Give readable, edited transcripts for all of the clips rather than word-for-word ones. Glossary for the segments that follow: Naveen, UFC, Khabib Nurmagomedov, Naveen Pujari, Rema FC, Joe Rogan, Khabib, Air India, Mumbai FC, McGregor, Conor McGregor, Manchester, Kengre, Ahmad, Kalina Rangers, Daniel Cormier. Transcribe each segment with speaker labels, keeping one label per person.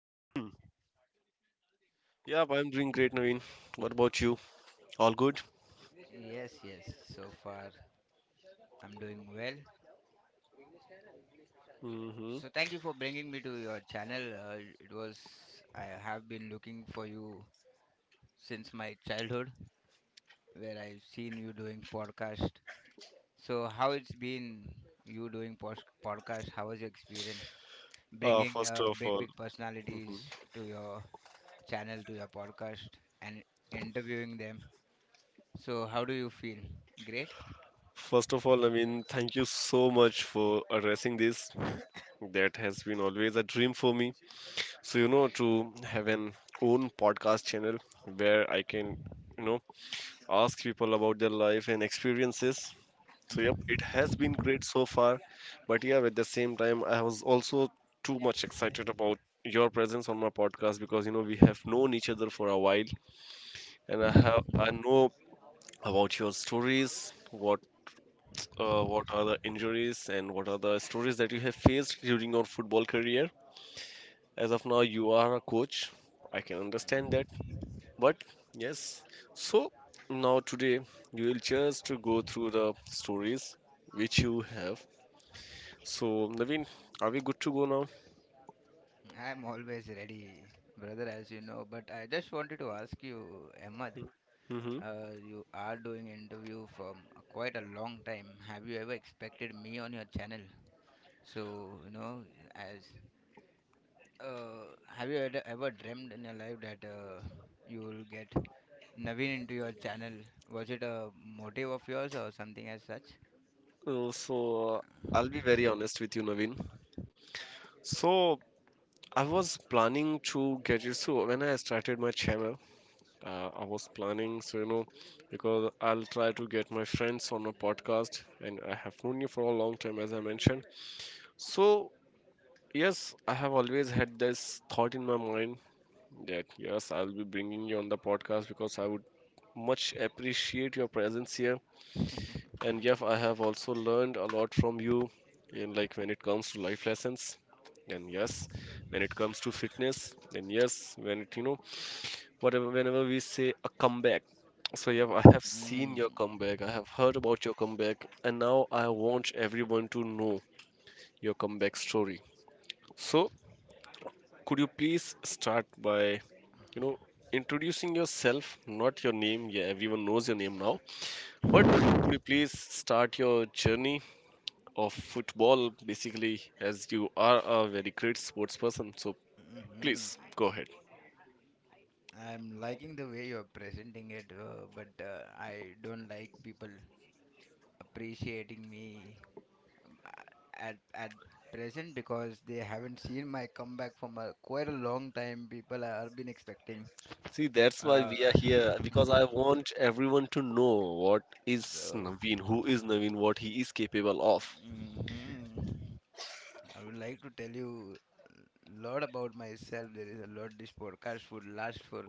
Speaker 1: Ahmad?
Speaker 2: Yeah, I'm doing great, Naveen. What about you? All good?
Speaker 1: Yes, yes. So far, I'm doing well.
Speaker 2: Hmm
Speaker 1: So, thank you for bringing me to your channel. It was I have been looking for you since my childhood, where I've seen you doing podcast. So, how it's been you doing podcast? How was your experience bringing
Speaker 2: First of
Speaker 1: big,
Speaker 2: all,
Speaker 1: big personalities
Speaker 2: mhm.
Speaker 1: to your channel, to your podcast, and interviewing them? So, how do you feel? Great?
Speaker 2: first of all, Naveen, thank you so much for addressing this. That has been always a dream for me. So you know, to have an own podcast channel where I can, you know, ask people about their life and experiences. So,
Speaker 1: Mm,
Speaker 2: yep, it has been great so far. But yeah, at the same time, I was also too much excited about your presence on my podcast because you know we have known each other for a while, and I know about your stories, what are the injuries and what are the stories that you have faced during your football career. As of now, you are a coach. I can understand that. But yes, so now today you will just to go through the stories which you have. So Naveen, are we good to go now?
Speaker 1: I'm always ready, brother, as you know. But I just wanted to ask you, Ahmad,
Speaker 2: Mm-hmm.
Speaker 1: you are doing interview for quite a long time. Have you ever expected me on your channel? So, you know, as have you ever dreamed in your life that you will get Naveen into your channel? Was it a motive of yours or something as such?
Speaker 2: Uh, so uh, I'll be very honest with you, Naveen. So I was planning to get you. So when I started my channel, I was planning. So you know, because I'll try to get my friends on a podcast, and I have known you for a long time, as I mentioned. So yes, I have always had this thought in my mind that yes, I'll be bringing you on the podcast because I would much appreciate your presence here. And yeah, I have also learned a lot from you in, like, when it comes to life lessons. And yes, when it comes to fitness, and yes, when it, you know, whatever whenever we say a comeback. So yeah, I have seen your
Speaker 1: Mm,
Speaker 2: comeback. I have heard about your comeback, and now I want everyone to know your comeback story. So could you please start by, you know, introducing yourself, not your name. Yeah, everyone knows your name now. But could you please start your journey of football, basically, as you are a very great sports person? So
Speaker 1: mhm.
Speaker 2: please go ahead.
Speaker 1: I'm liking the way you're presenting it, but I don't like people appreciating me at present because they haven't seen my comeback from a quite a long time. People have been expecting.
Speaker 2: See, that's why we are
Speaker 1: Uh,
Speaker 2: here because I want everyone to know what is
Speaker 1: so,
Speaker 2: Naveen, who is Naveen, what he is capable of.
Speaker 1: mhm. I would like to tell you lot about myself. There is a lot this podcast would last for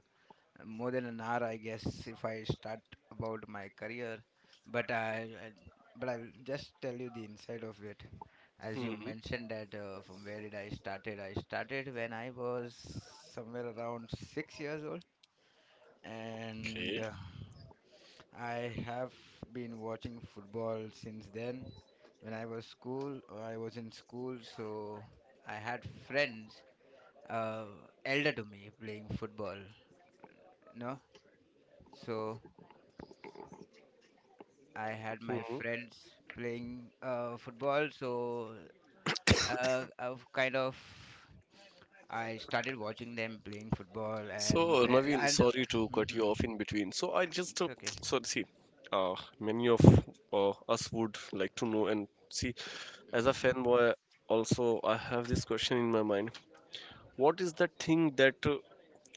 Speaker 1: more than an hour, I guess, if I start about my career. But I'll just tell you the inside of it. As you
Speaker 2: Mhm.
Speaker 1: mentioned that from where did I started? I started when I was somewhere around 6 years old, and
Speaker 2: Okay.
Speaker 1: I have been watching football since then. When I was school, I was in school, so I had friends uh, elder to me playing football. No, so I had my friends playing football, so I've kind of I started watching them playing football, and
Speaker 2: So,
Speaker 1: where
Speaker 2: Naveen,
Speaker 1: and
Speaker 2: sorry to cut
Speaker 1: hmm.
Speaker 2: you off in between. So, I just
Speaker 1: It's okay.
Speaker 2: so see, many of us would like to know and see.
Speaker 1: Hmm.
Speaker 2: As a fanboy, also I have this question in my mind. What is that thing that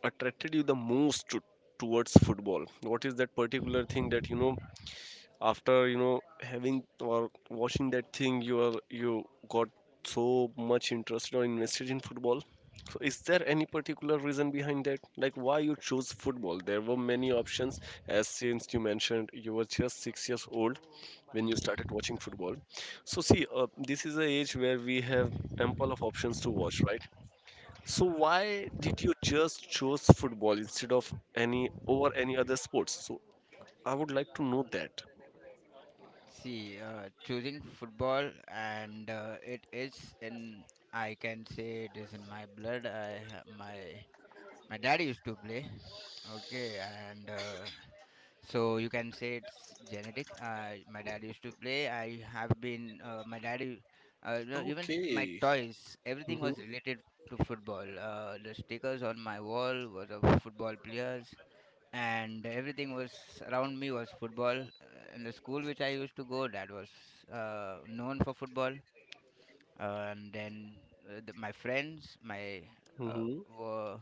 Speaker 2: attracted you the most to, towards football? What is that particular thing that you know after, you know, having or watching that thing you are, you got so much interested or invested in football? So is there any particular reason behind that, like why you chose football? There were many options, as since you mentioned you were just 6 years old when you started watching football. So see, this is a age where we have ample of options to watch, right? So why did you just choose football instead of any over any other sports? So I would like to know that.
Speaker 1: See, choosing football, and it is in I can say it is in my blood. I ha- My dad used to play, okay, and so you can say it's genetic. My dad used to play. I have been my dad. U- no, Even my
Speaker 2: Okay.
Speaker 1: toys, everything
Speaker 2: Mm-hmm.
Speaker 1: was related to football. The stickers on my wall was of football players, and everything was around me was football. In the school which I used to go, that was known for football. And then the, my friends, my uh, were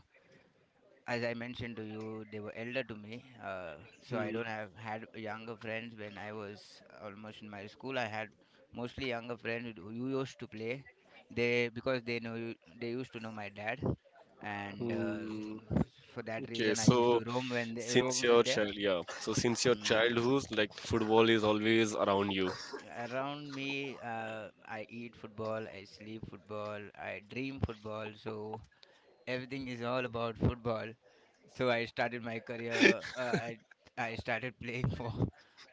Speaker 1: as I mentioned to you, they were elder to me, so I don't
Speaker 2: Mm-hmm.
Speaker 1: have had younger friends. When I was almost in my school, I had mostly younger friends who used to play. They because they know they used to know my dad, and
Speaker 2: Mm-hmm.
Speaker 1: for that
Speaker 2: Okay,
Speaker 1: reason, I used
Speaker 2: so
Speaker 1: to roam when they
Speaker 2: since
Speaker 1: roam
Speaker 2: your
Speaker 1: with them.
Speaker 2: child, yeah, so since your
Speaker 1: Mm.
Speaker 2: childhood, like football is always around you.
Speaker 1: Around me, I eat football, I sleep football, I dream football. So everything is all about football. So I started my career. I I started playing for.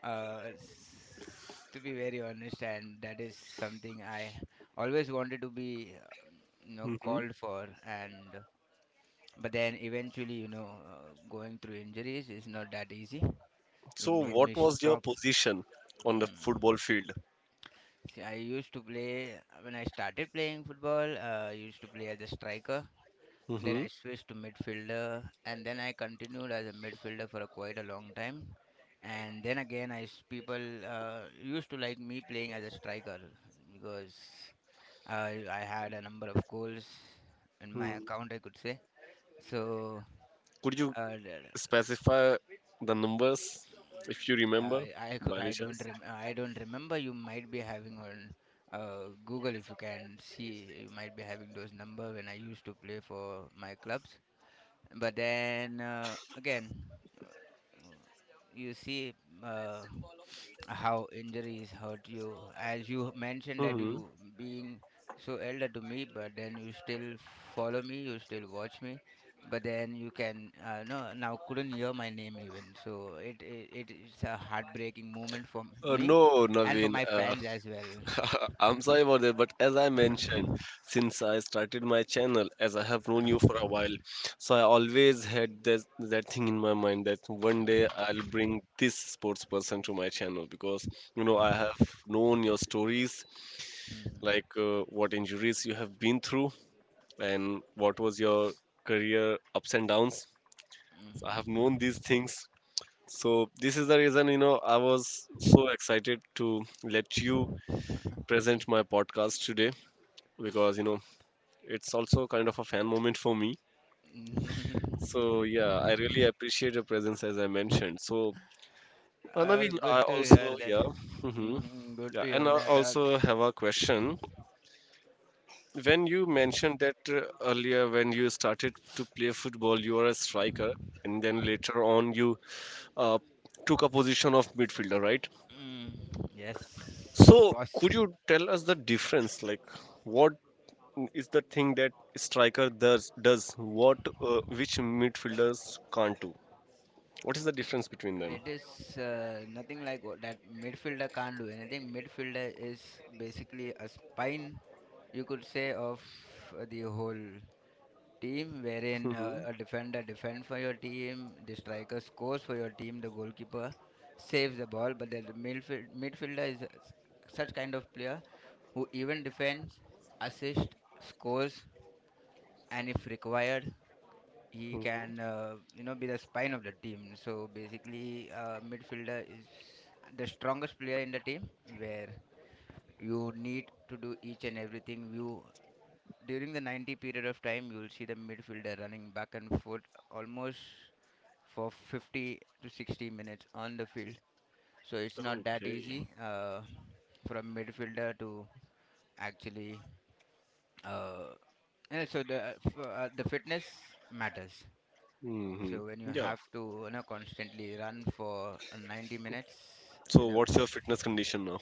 Speaker 1: Uh, s- to be very honest, and that is something I always wanted to be, you know,
Speaker 2: Mm-hmm.
Speaker 1: called for. And but then eventually, you know, going through injuries is not that easy. It
Speaker 2: So
Speaker 1: made
Speaker 2: what
Speaker 1: me
Speaker 2: was your
Speaker 1: stop.
Speaker 2: position on the
Speaker 1: Mm.
Speaker 2: football field?
Speaker 1: See, I used to play when I started playing football. I used to play as a striker. Then
Speaker 2: Mm-hmm.
Speaker 1: I switched to midfielder and then I continued as a midfielder for a quite a long time. And then again, people used to like me playing as a striker because I had a number of goals in my
Speaker 2: Mm-hmm.
Speaker 1: account, I could say. So
Speaker 2: Could you
Speaker 1: uh, d-
Speaker 2: specify the numbers if you remember by any chance?
Speaker 1: I don't remember. You might be having on Google if you can see. You might be having those number when I used to play for my clubs. But then again, you see uh, how injuries hurt you, as you mentioned that
Speaker 2: Mm-hmm.
Speaker 1: you being so elder to me, but then you still follow me, you still watch me, but then you can now couldn't hear my name even, so it is a heartbreaking moment for me
Speaker 2: No,
Speaker 1: and for
Speaker 2: Naveen.
Speaker 1: my fans as well.
Speaker 2: I'm sorry about that, but as I mentioned, since I started my channel, as I have known you for a while, so I always had this, that thing in my mind that one day I'll bring this sports person to my channel because you know I have known your stories,
Speaker 1: Hmm.
Speaker 2: like what injuries you have been through and what was your career ups and downs. So I have known these things. So this is the reason, you know, I was so excited to let you present my podcast today because you know it's also kind of a fan moment for me.
Speaker 1: Hmm.
Speaker 2: So yeah, I really appreciate your presence as I mentioned. So
Speaker 1: Uh,
Speaker 2: Naveen,
Speaker 1: good
Speaker 2: I
Speaker 1: to hear
Speaker 2: also
Speaker 1: that.
Speaker 2: yeah, hmm,
Speaker 1: Hmm, good
Speaker 2: yeah,
Speaker 1: to
Speaker 2: and
Speaker 1: hear
Speaker 2: I
Speaker 1: that,
Speaker 2: also have a question. When you mentioned that earlier, when you started to play football, you were a striker, and then later on you uh, took a position of midfielder, right?
Speaker 1: mm, yes,
Speaker 2: So
Speaker 1: boss.
Speaker 2: could you tell us the difference, like what is the thing that striker does what which midfielders can't do. What is the difference between them?
Speaker 1: It is nothing like what that midfielder can't do anything. Midfielder is basically a spine, you could say, of the whole team, wherein
Speaker 2: Mhm.
Speaker 1: a defender defends for your team, the striker scores for your team, the goalkeeper saves the ball. But the midfielder is such kind of player who even defends, assists, scores, and if required, he
Speaker 2: Mm.
Speaker 1: can you know be the spine of the team. So basically midfielder is the strongest player in the team where you need to do each and everything you during the 90 period of time. You'll see the midfielder running back and forth almost for 50 to 60 minutes on the field. So it's not that
Speaker 2: Okay.
Speaker 1: easy for a midfielder to actually uh, yeah, so the the fitness matters.
Speaker 2: Hmm.
Speaker 1: So when you
Speaker 2: Yeah.
Speaker 1: have to, you know, constantly run for 90 minutes
Speaker 2: So,
Speaker 1: with a,
Speaker 2: what's your fitness condition now?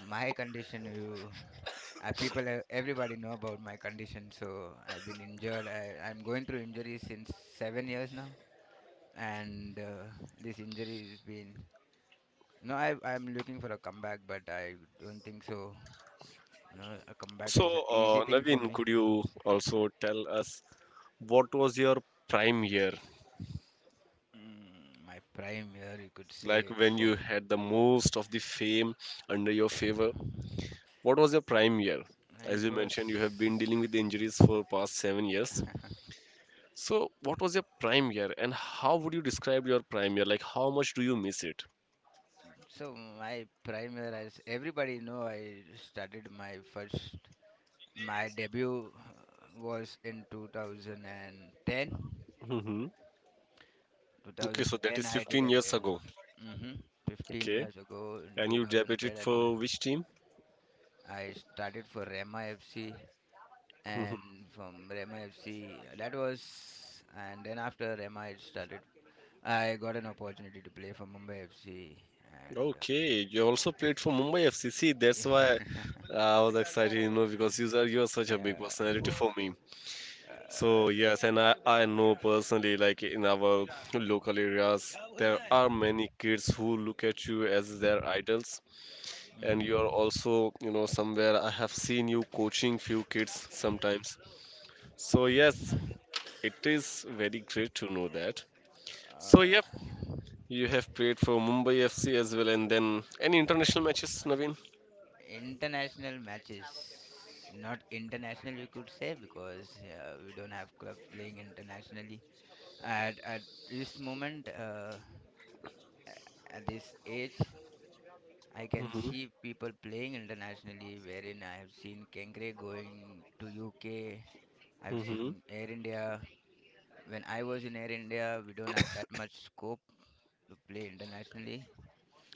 Speaker 1: my condition, you everybody know about my condition. So I've been injured. I'm going through injuries since 7 years now, and this injury has been. No, I'm looking for a comeback, but I don't think so. You know, a comeback
Speaker 2: So,
Speaker 1: is an easy thing for
Speaker 2: Naveen,
Speaker 1: me.
Speaker 2: could you also tell us what was your prime year?
Speaker 1: Mm, my prime year, you could
Speaker 2: Like
Speaker 1: say,
Speaker 2: when
Speaker 1: for
Speaker 2: you had the most of the fame under your favor, what was your prime year? As
Speaker 1: it
Speaker 2: you
Speaker 1: was
Speaker 2: mentioned, you have been dealing with injuries for past 7 years. So, what was your prime year, and how would you describe your prime year? Like, how much do you miss it?
Speaker 1: so my primer, as everybody know, I started my first, my debut was in 2010.
Speaker 2: Hmm. Okay, so that
Speaker 1: 2010,
Speaker 2: is
Speaker 1: I did
Speaker 2: 15
Speaker 1: a
Speaker 2: years
Speaker 1: de-
Speaker 2: ago.
Speaker 1: hmm, 15
Speaker 2: Okay,
Speaker 1: years ago in
Speaker 2: and you
Speaker 1: 2010.
Speaker 2: debuted for which team?
Speaker 1: I started for Rema FC, and
Speaker 2: Hmm.
Speaker 1: from Rema FC, that was, and then after Rema, I started. I got an opportunity to play for Mumbai FC, and
Speaker 2: Okay, you also played for Mumbai FC. See, that's why
Speaker 1: uh,
Speaker 2: I was excited, you know, because you are such a big
Speaker 1: yeah,
Speaker 2: personality for me. So
Speaker 1: uh,
Speaker 2: yes, and I know personally, like in our local areas, there are many kids who look at you as their idols. And
Speaker 1: hmm.
Speaker 2: you are also, you know, somewhere I have seen you coaching few kids sometimes. So yes, it is very great to know that. So
Speaker 1: Uh,
Speaker 2: yep, you have played for Mumbai FC as well. And then any international matches, Naveen?
Speaker 1: international matches, not international, you could say, because we don't have clubs playing internationally. At this moment, at this age, I can
Speaker 2: Mm-hmm.
Speaker 1: see people playing internationally. Wherein I have seen Kengre going to UK. I've
Speaker 2: Mm-hmm.
Speaker 1: seen Air India. When I was in Air India, we don't have that much scope to play internationally.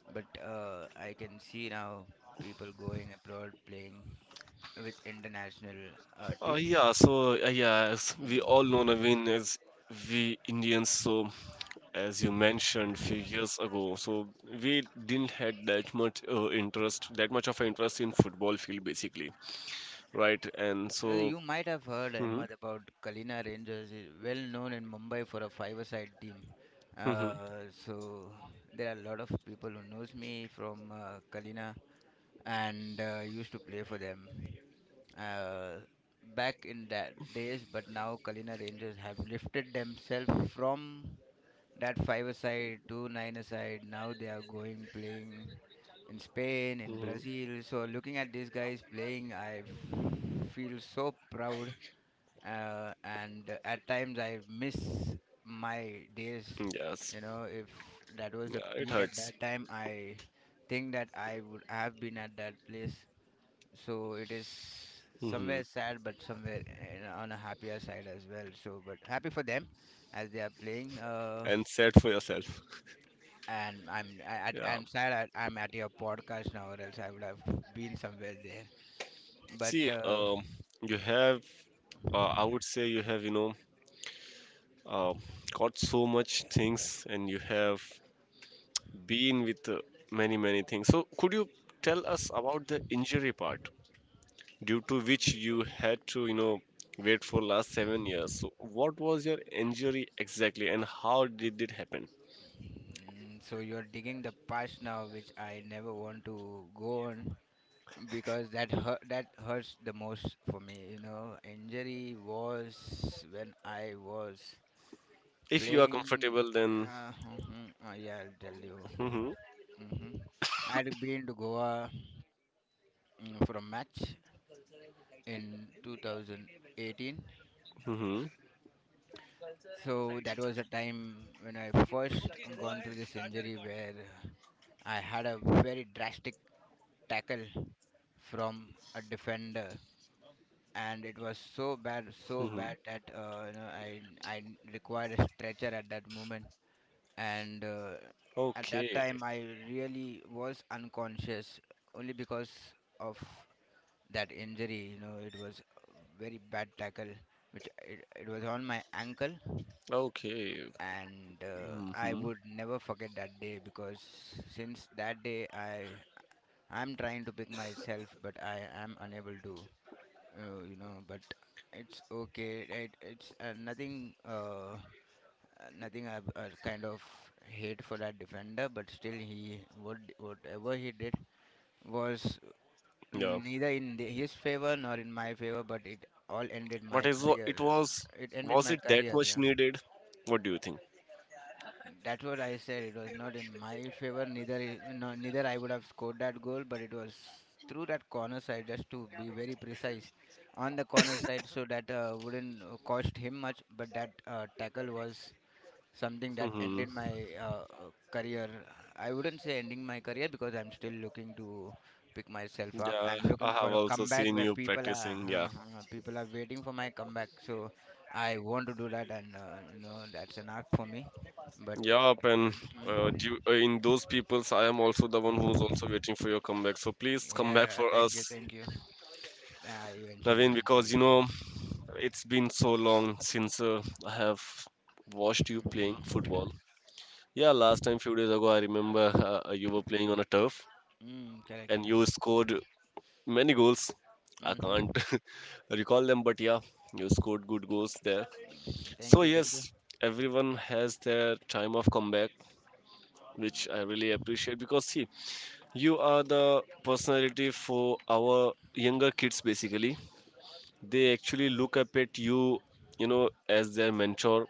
Speaker 1: But I can see now people going abroad playing with international teams.
Speaker 2: Yeah, as we all know,
Speaker 1: Mm.
Speaker 2: Naveen, as we Indians, so as you mentioned few years ago, so we didn't had that much interest, that much of an interest in football field, basically, right? And so,
Speaker 1: You might have heard,
Speaker 2: Mhm.
Speaker 1: Ahmed, about Kalina Rangers, is well known in Mumbai for a five-a-side team. So there are a lot of people who knows me from Kalina and used to play for them uh, back in that days. But now Kalina Rangers have lifted themselves from that five aside, 2-9 aside. Now they are going playing in Spain, in
Speaker 2: Hmm.
Speaker 1: Brazil. So looking at these guys playing, feel so proud. And at times I miss my days.
Speaker 2: Yes.
Speaker 1: You know, if that was a
Speaker 2: Yeah, it
Speaker 1: peak at
Speaker 2: hurts.
Speaker 1: that time, I think that I would have been at that place. So it is
Speaker 2: Hmm.
Speaker 1: somewhere sad, but somewhere in, on a happier side as well. So, but happy for them as they are playing.
Speaker 2: And sad for yourself.
Speaker 1: And I'm I-
Speaker 2: Yeah.
Speaker 1: I'm sad I'm at your podcast now, or else I would have been somewhere there. But
Speaker 2: See, you have, I would say you have, you know, uh, got so much things and you have been with many, many things. So, could you tell us about the injury part due to which you had to, you know, wait for last 7 years? So, what was your injury exactly and how did it happen?
Speaker 1: mm, so you're digging the past now, which I never want to go on because that hurts the most for me. You know, injury was when I was
Speaker 2: If you are
Speaker 1: playing.
Speaker 2: comfortable, then.
Speaker 1: Uh, mhm, yeah, I'll tell you.
Speaker 2: Hmm.
Speaker 1: Hmm. I had been to Goa, mm, for a match in 2018.
Speaker 2: Hmm.
Speaker 1: So that was a time when I first gone through this injury where I had a very drastic tackle from a defender, and it was so
Speaker 2: Hmm.
Speaker 1: bad that you know I required a stretcher at that moment. And at that
Speaker 2: Okay.
Speaker 1: time I really was unconscious only because of that injury. You know, it was a very bad tackle which it was on my ankle.
Speaker 2: Okay.
Speaker 1: And I
Speaker 2: Hmm.
Speaker 1: would never forget that day because since that day I I'm trying to pick myself but I am unable to, you know. But it's okay, it's nothing nothing I kind of hate for that defender, but still he would whatever he did was
Speaker 2: Yeah.
Speaker 1: neither in the, his favor nor in my favor, but it all ended
Speaker 2: What
Speaker 1: my
Speaker 2: is wa-
Speaker 1: career.
Speaker 2: it was?
Speaker 1: It ended
Speaker 2: Was
Speaker 1: my
Speaker 2: it that
Speaker 1: career,
Speaker 2: much
Speaker 1: yeah.
Speaker 2: needed? What do you think?
Speaker 1: That's what I said. It was not in my favor. Neither I would have scored that goal, but it was through that corner side. Just to be very precise, on the corner side, so that wouldn't cost him much. But that tackle was something that
Speaker 2: Hmm.
Speaker 1: ended my career. I wouldn't say ending my career because I'm still looking to pick myself up
Speaker 2: Yeah,
Speaker 1: and looking
Speaker 2: I
Speaker 1: for
Speaker 2: have
Speaker 1: a
Speaker 2: also
Speaker 1: comeback
Speaker 2: seen
Speaker 1: where
Speaker 2: you
Speaker 1: people are
Speaker 2: practicing. Yeah.
Speaker 1: people are waiting for my comeback. So I want to do that, and that's an arc for me. But
Speaker 2: Yup, and
Speaker 1: mhm.
Speaker 2: in those peoples, I am also the one who's also waiting for your comeback. So please come back
Speaker 1: Yeah,
Speaker 2: for
Speaker 1: thank you,
Speaker 2: us,
Speaker 1: thank you. Eventually,
Speaker 2: Naveen, because you
Speaker 1: eventually.
Speaker 2: know
Speaker 1: Yeah.
Speaker 2: it's been so long since I have watched you playing football.
Speaker 1: Mhm.
Speaker 2: Yeah, last time few days ago, I remember you were playing on a turf
Speaker 1: Mm, correct,
Speaker 2: and
Speaker 1: yeah.
Speaker 2: you scored many goals. I
Speaker 1: Mm-hmm.
Speaker 2: can't recall them, but yeah, you scored good goals there.
Speaker 1: Mm-hmm, thank
Speaker 2: So
Speaker 1: you, thank you.
Speaker 2: yes, everyone has their time of comeback, which I really appreciate because see, you are the personality for our younger kids basically. They actually look up at you, you know, as their mentor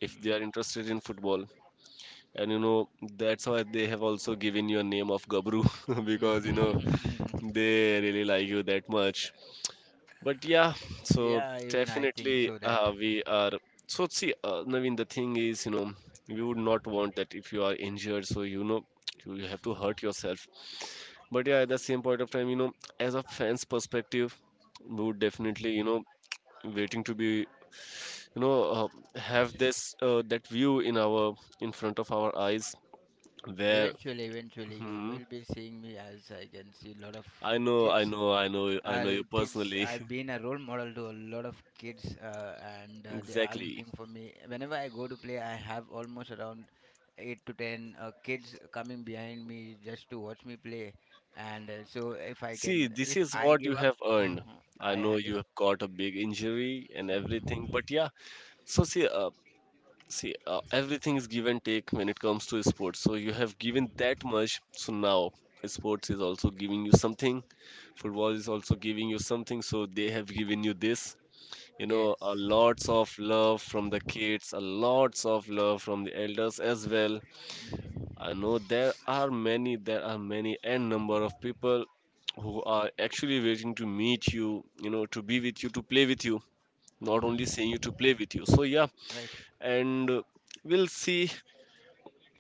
Speaker 2: if they are interested in football. And you know that's why they have also given you a name of gabru because you know
Speaker 1: Mhm.
Speaker 2: they really like you that much. But yeah, so
Speaker 1: Yeah, even I think
Speaker 2: definitely
Speaker 1: so that
Speaker 2: we are, so see, Naveen, the thing is you know we would not want that if you are injured so you know you have to hurt yourself. But yeah, at the same point of time, you know, as a fan's perspective, we would definitely, you know, waiting to be, you know, have this, that view in our, in front of our eyes, where
Speaker 1: eventually, eventually, you
Speaker 2: Mhm.
Speaker 1: will be seeing me as I can see a lot of
Speaker 2: I know, I
Speaker 1: kids.
Speaker 2: know, I know, I
Speaker 1: Uh,
Speaker 2: know you
Speaker 1: Kids,
Speaker 2: personally.
Speaker 1: I've been a role model to a lot of kids, uh, and uh, they are
Speaker 2: Exactly.
Speaker 1: looking for me. Whenever I go to play, I have almost around 8 to 10 kids coming behind me just to watch me play. And so, if I
Speaker 2: See,
Speaker 1: can,
Speaker 2: this
Speaker 1: if
Speaker 2: is
Speaker 1: I
Speaker 2: what
Speaker 1: give
Speaker 2: you
Speaker 1: up,
Speaker 2: have
Speaker 1: uh
Speaker 2: earned. I
Speaker 1: I
Speaker 2: know
Speaker 1: ha- if
Speaker 2: you have got a big injury and everything,
Speaker 1: uh
Speaker 2: but yeah. So see, everything is give and take when it comes to sports. So you have given that much. So now sports is also giving you something. Football is also giving you something. So they have given you this. You know, a
Speaker 1: yes,
Speaker 2: lots of love from the kids, a lots of love from the elders as well.
Speaker 1: hmm,
Speaker 2: I know there are many n number of people who are actually waiting to meet you, you know, to be with you, to play with you, not
Speaker 1: hmm,
Speaker 2: only seeing you to play with you. So yeah,
Speaker 1: right.
Speaker 2: and we'll see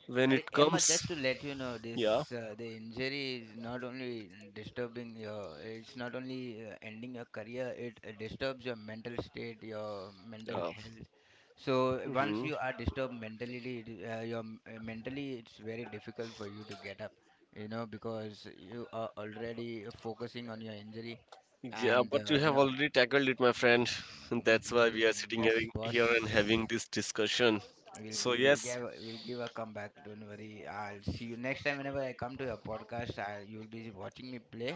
Speaker 2: when
Speaker 1: Arey,
Speaker 2: it
Speaker 1: Emma,
Speaker 2: comes.
Speaker 1: just to let you know,
Speaker 2: Yeah,
Speaker 1: this the injury is not only disturbing your, it's not only ending your career, it disturbs your mental state, your mental
Speaker 2: yeah,
Speaker 1: health. So once
Speaker 2: mhm,
Speaker 1: you are disturbed mentally, mentally, it's very difficult for you to get up, you know, because you are already focusing on your injury,
Speaker 2: yeah.
Speaker 1: and
Speaker 2: But you have already tackled it, my friend. And
Speaker 1: mm,
Speaker 2: that's why
Speaker 1: mhm,
Speaker 2: we are sitting here,
Speaker 1: yes,
Speaker 2: here and
Speaker 1: boss.
Speaker 2: having this discussion.
Speaker 1: We'll
Speaker 2: So
Speaker 1: give we'll
Speaker 2: yes,
Speaker 1: give we'll give a comeback. Don't worry. I'll see you next time. Whenever I come to your podcast, I will you'll be watching me play,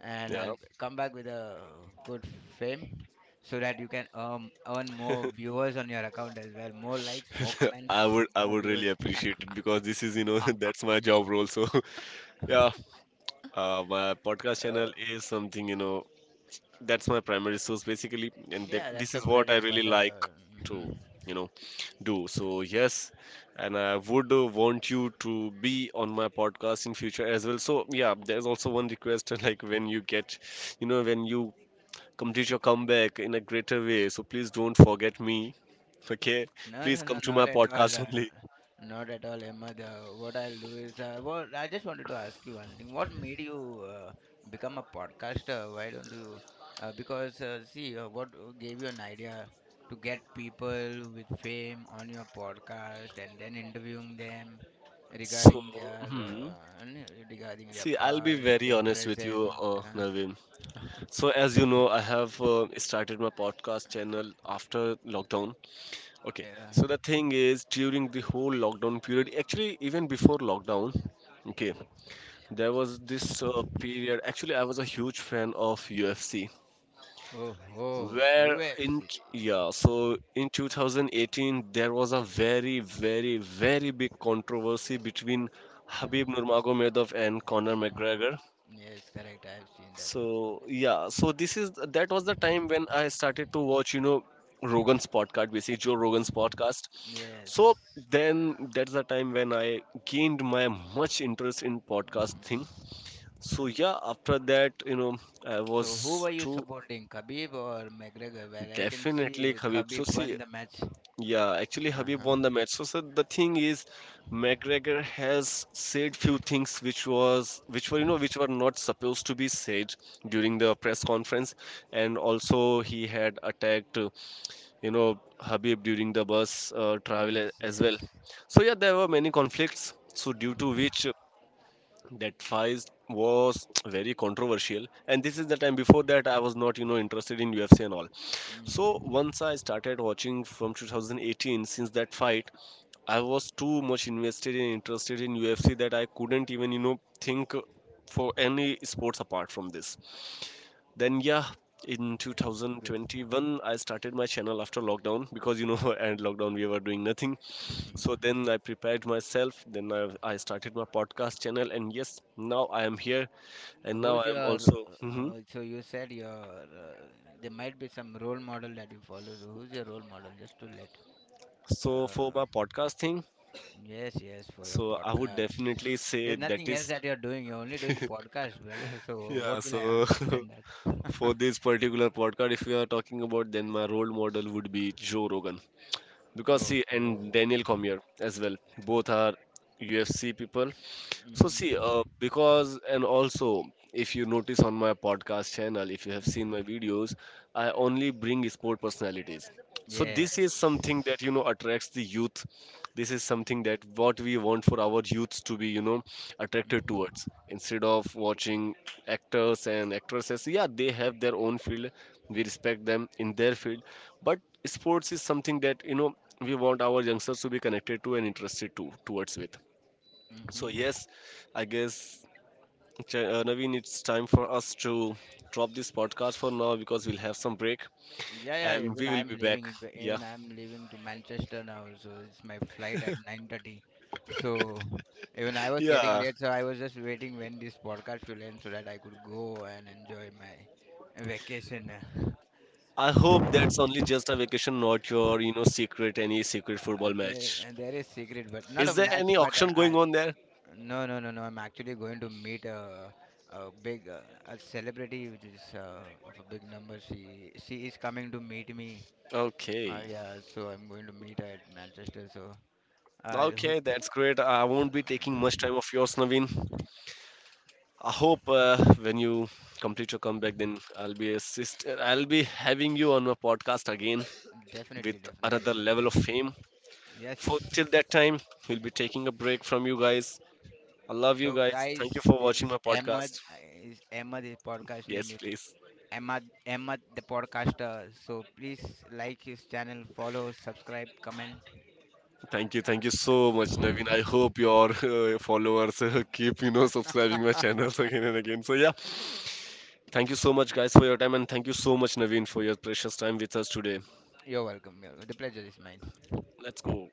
Speaker 1: and
Speaker 2: yeah,
Speaker 1: I'll come back with a good fame, so that you can earn more viewers on your account as well. More likes, more comments,
Speaker 2: I
Speaker 1: more
Speaker 2: would really
Speaker 1: views.
Speaker 2: appreciate it because this is, you know, that's my job role. So yeah, my podcast
Speaker 1: Uh,
Speaker 2: channel is something, that's my primary source basically, and that
Speaker 1: yeah, that's
Speaker 2: this
Speaker 1: your
Speaker 2: is
Speaker 1: bread
Speaker 2: what I
Speaker 1: and
Speaker 2: really like
Speaker 1: butter.
Speaker 2: to,
Speaker 1: Hmm.
Speaker 2: you know, do. So yes, and I would want you to be on my podcast in future as well. So yeah, there's also one request like when you complete your comeback in a greater way. So please don't forget me. Okay,
Speaker 1: No,
Speaker 2: please
Speaker 1: no,
Speaker 2: come
Speaker 1: no,
Speaker 2: to my
Speaker 1: not at all.
Speaker 2: podcast only.
Speaker 1: Not at all, Emma. What I'll do is, well, I just wanted to ask you one thing. What made you become a podcaster? Why don't you? Because, see, what gave you an idea to get people with fame on your podcast and then interviewing them
Speaker 2: So,
Speaker 1: regarding their
Speaker 2: hmm,
Speaker 1: regarding their
Speaker 2: see, I'll be
Speaker 1: past,
Speaker 2: very
Speaker 1: their
Speaker 2: honest with
Speaker 1: present?
Speaker 2: you,
Speaker 1: Uh,
Speaker 2: Naveen. So, as you know, I have started my podcast channel after lockdown. Okay. So,
Speaker 1: uh,
Speaker 2: the thing is, during the whole lockdown period, actually, even before lockdown, okay, there was this period. Actually, I was a huge fan of UFC,
Speaker 1: oh, oh,
Speaker 2: where in,
Speaker 1: UFC.
Speaker 2: t- yeah, so in 2018, there was a very, very, very big controversy between Habib Nurmagomedov and Conor
Speaker 1: Mm,
Speaker 2: McGregor.
Speaker 1: yes, correct. I've seen that.
Speaker 2: So yeah, so this is That was the time when I started to watch, Rogan's podcast, basically Joe Rogan's podcast. So
Speaker 1: Yes.
Speaker 2: then that's the time when I gained my much interest in
Speaker 1: Hmm.
Speaker 2: podcast thing. So yeah, after that, I
Speaker 1: So who
Speaker 2: was
Speaker 1: were you
Speaker 2: to
Speaker 1: supporting, Khabib or McGregor? Well, I can
Speaker 2: definitely
Speaker 1: see
Speaker 2: Khabib. So
Speaker 1: Khabib won
Speaker 2: see,
Speaker 1: the match.
Speaker 2: yeah, actually,
Speaker 1: Uh
Speaker 2: Habib
Speaker 1: huh.
Speaker 2: won the match. So, sir, the thing is, McGregor has said few things which were which were not supposed to be said during the press conference, and also he had attacked you know Habib during the bus travel
Speaker 1: Yes,
Speaker 2: as well.
Speaker 1: yes.
Speaker 2: So yeah, there were many conflicts. So due to which that fight was very controversial, and this is the time before that I was not, interested in UFC and all.
Speaker 1: Hmm.
Speaker 2: So once I started watching from 2018, since that fight, I was too much invested and interested in UFC that I couldn't even, think for any sports apart from this. Then yeah, in
Speaker 1: Good.
Speaker 2: 2021 I started my channel after lockdown because you know and lockdown we were doing nothing. So then I prepared myself, I started my podcast channel, and yes, now I am here,
Speaker 1: So
Speaker 2: and now
Speaker 1: who's
Speaker 2: I
Speaker 1: your?
Speaker 2: am also hmm
Speaker 1: So you said your there might be some role model that you follow. So who's your role model? Just to let.
Speaker 2: so for my
Speaker 1: Uh,
Speaker 2: podcast thing
Speaker 1: yes, yes, for your
Speaker 2: so I would
Speaker 1: podcast.
Speaker 2: definitely say
Speaker 1: There's
Speaker 2: that
Speaker 1: nothing else
Speaker 2: is
Speaker 1: that you're doing. You're only doing podcast, brother. So
Speaker 2: yeah
Speaker 1: what will
Speaker 2: so
Speaker 1: I ask other than that?
Speaker 2: for this particular podcast, if we are talking about, then my role model would be Joe Rogan, because
Speaker 1: Oh.
Speaker 2: see, and Daniel
Speaker 1: Oh.
Speaker 2: Cormier as well. Both are UFC people. So see,
Speaker 1: Hmm.
Speaker 2: because, and also if you notice on my podcast channel, if you have seen my videos, I only bring sport personalities. So this is
Speaker 1: Yes.
Speaker 2: something that you know attracts the youth, this is something that what we want for our youths to be, attracted
Speaker 1: Mm-hmm.
Speaker 2: towards, instead of watching actors and actresses. Yeah, they have their own field, we respect them in their field, but sports is something that you know we want our youngsters to be connected to and interested to towards with. So
Speaker 1: Mm-hmm.
Speaker 2: yes, I guess Naveen, it's time for us to drop this podcast for now because we'll have some break,
Speaker 1: Yeah, yeah.
Speaker 2: and we will be back. Yeah.
Speaker 1: Even I'm leaving to Manchester now. So it's my flight at 9:30. So even I was getting
Speaker 2: Yeah.
Speaker 1: late. So I was just waiting when this podcast will end so that I could go and enjoy my vacation.
Speaker 2: I hope that's only just a vacation, not your, you know, secret, any secret football
Speaker 1: There,
Speaker 2: match.
Speaker 1: and there is secret, but not a
Speaker 2: Is there
Speaker 1: match.
Speaker 2: any
Speaker 1: But I,
Speaker 2: auction going
Speaker 1: I
Speaker 2: on there?
Speaker 1: no, no, no, no. I'm actually going to meet a big a celebrity, which is of a big number. She is coming to meet me.
Speaker 2: Okay.
Speaker 1: Yeah, so I'm going to meet her at Manchester. So I
Speaker 2: Okay,
Speaker 1: hope
Speaker 2: that's great. I won't be taking much time of yours, Naveen.
Speaker 1: uh,
Speaker 2: I hope when you complete your comeback, then I'll be assist. I'll be having you on my podcast again with
Speaker 1: definitely, definitely
Speaker 2: another
Speaker 1: I'll be
Speaker 2: level
Speaker 1: there.
Speaker 2: of fame.
Speaker 1: Yes.
Speaker 2: For till that time, we'll be taking a break from you guys. I love you
Speaker 1: So
Speaker 2: guys.
Speaker 1: guys,
Speaker 2: Thank you for
Speaker 1: this
Speaker 2: watching my
Speaker 1: is Ahmed.
Speaker 2: podcast.
Speaker 1: Is Ahmed his podcast name
Speaker 2: Yes,
Speaker 1: is
Speaker 2: please.
Speaker 1: Ahmed, the podcaster. So please like his channel, follow, subscribe, comment.
Speaker 2: Thank you so much, Naveen. I hope your followers keep you know subscribing my channels again and again. So yeah, thank you so much, guys, for your time, and thank you so much, Naveen, for your precious time with us today.
Speaker 1: You're welcome. You're welcome. The pleasure is mine.
Speaker 2: Let's go.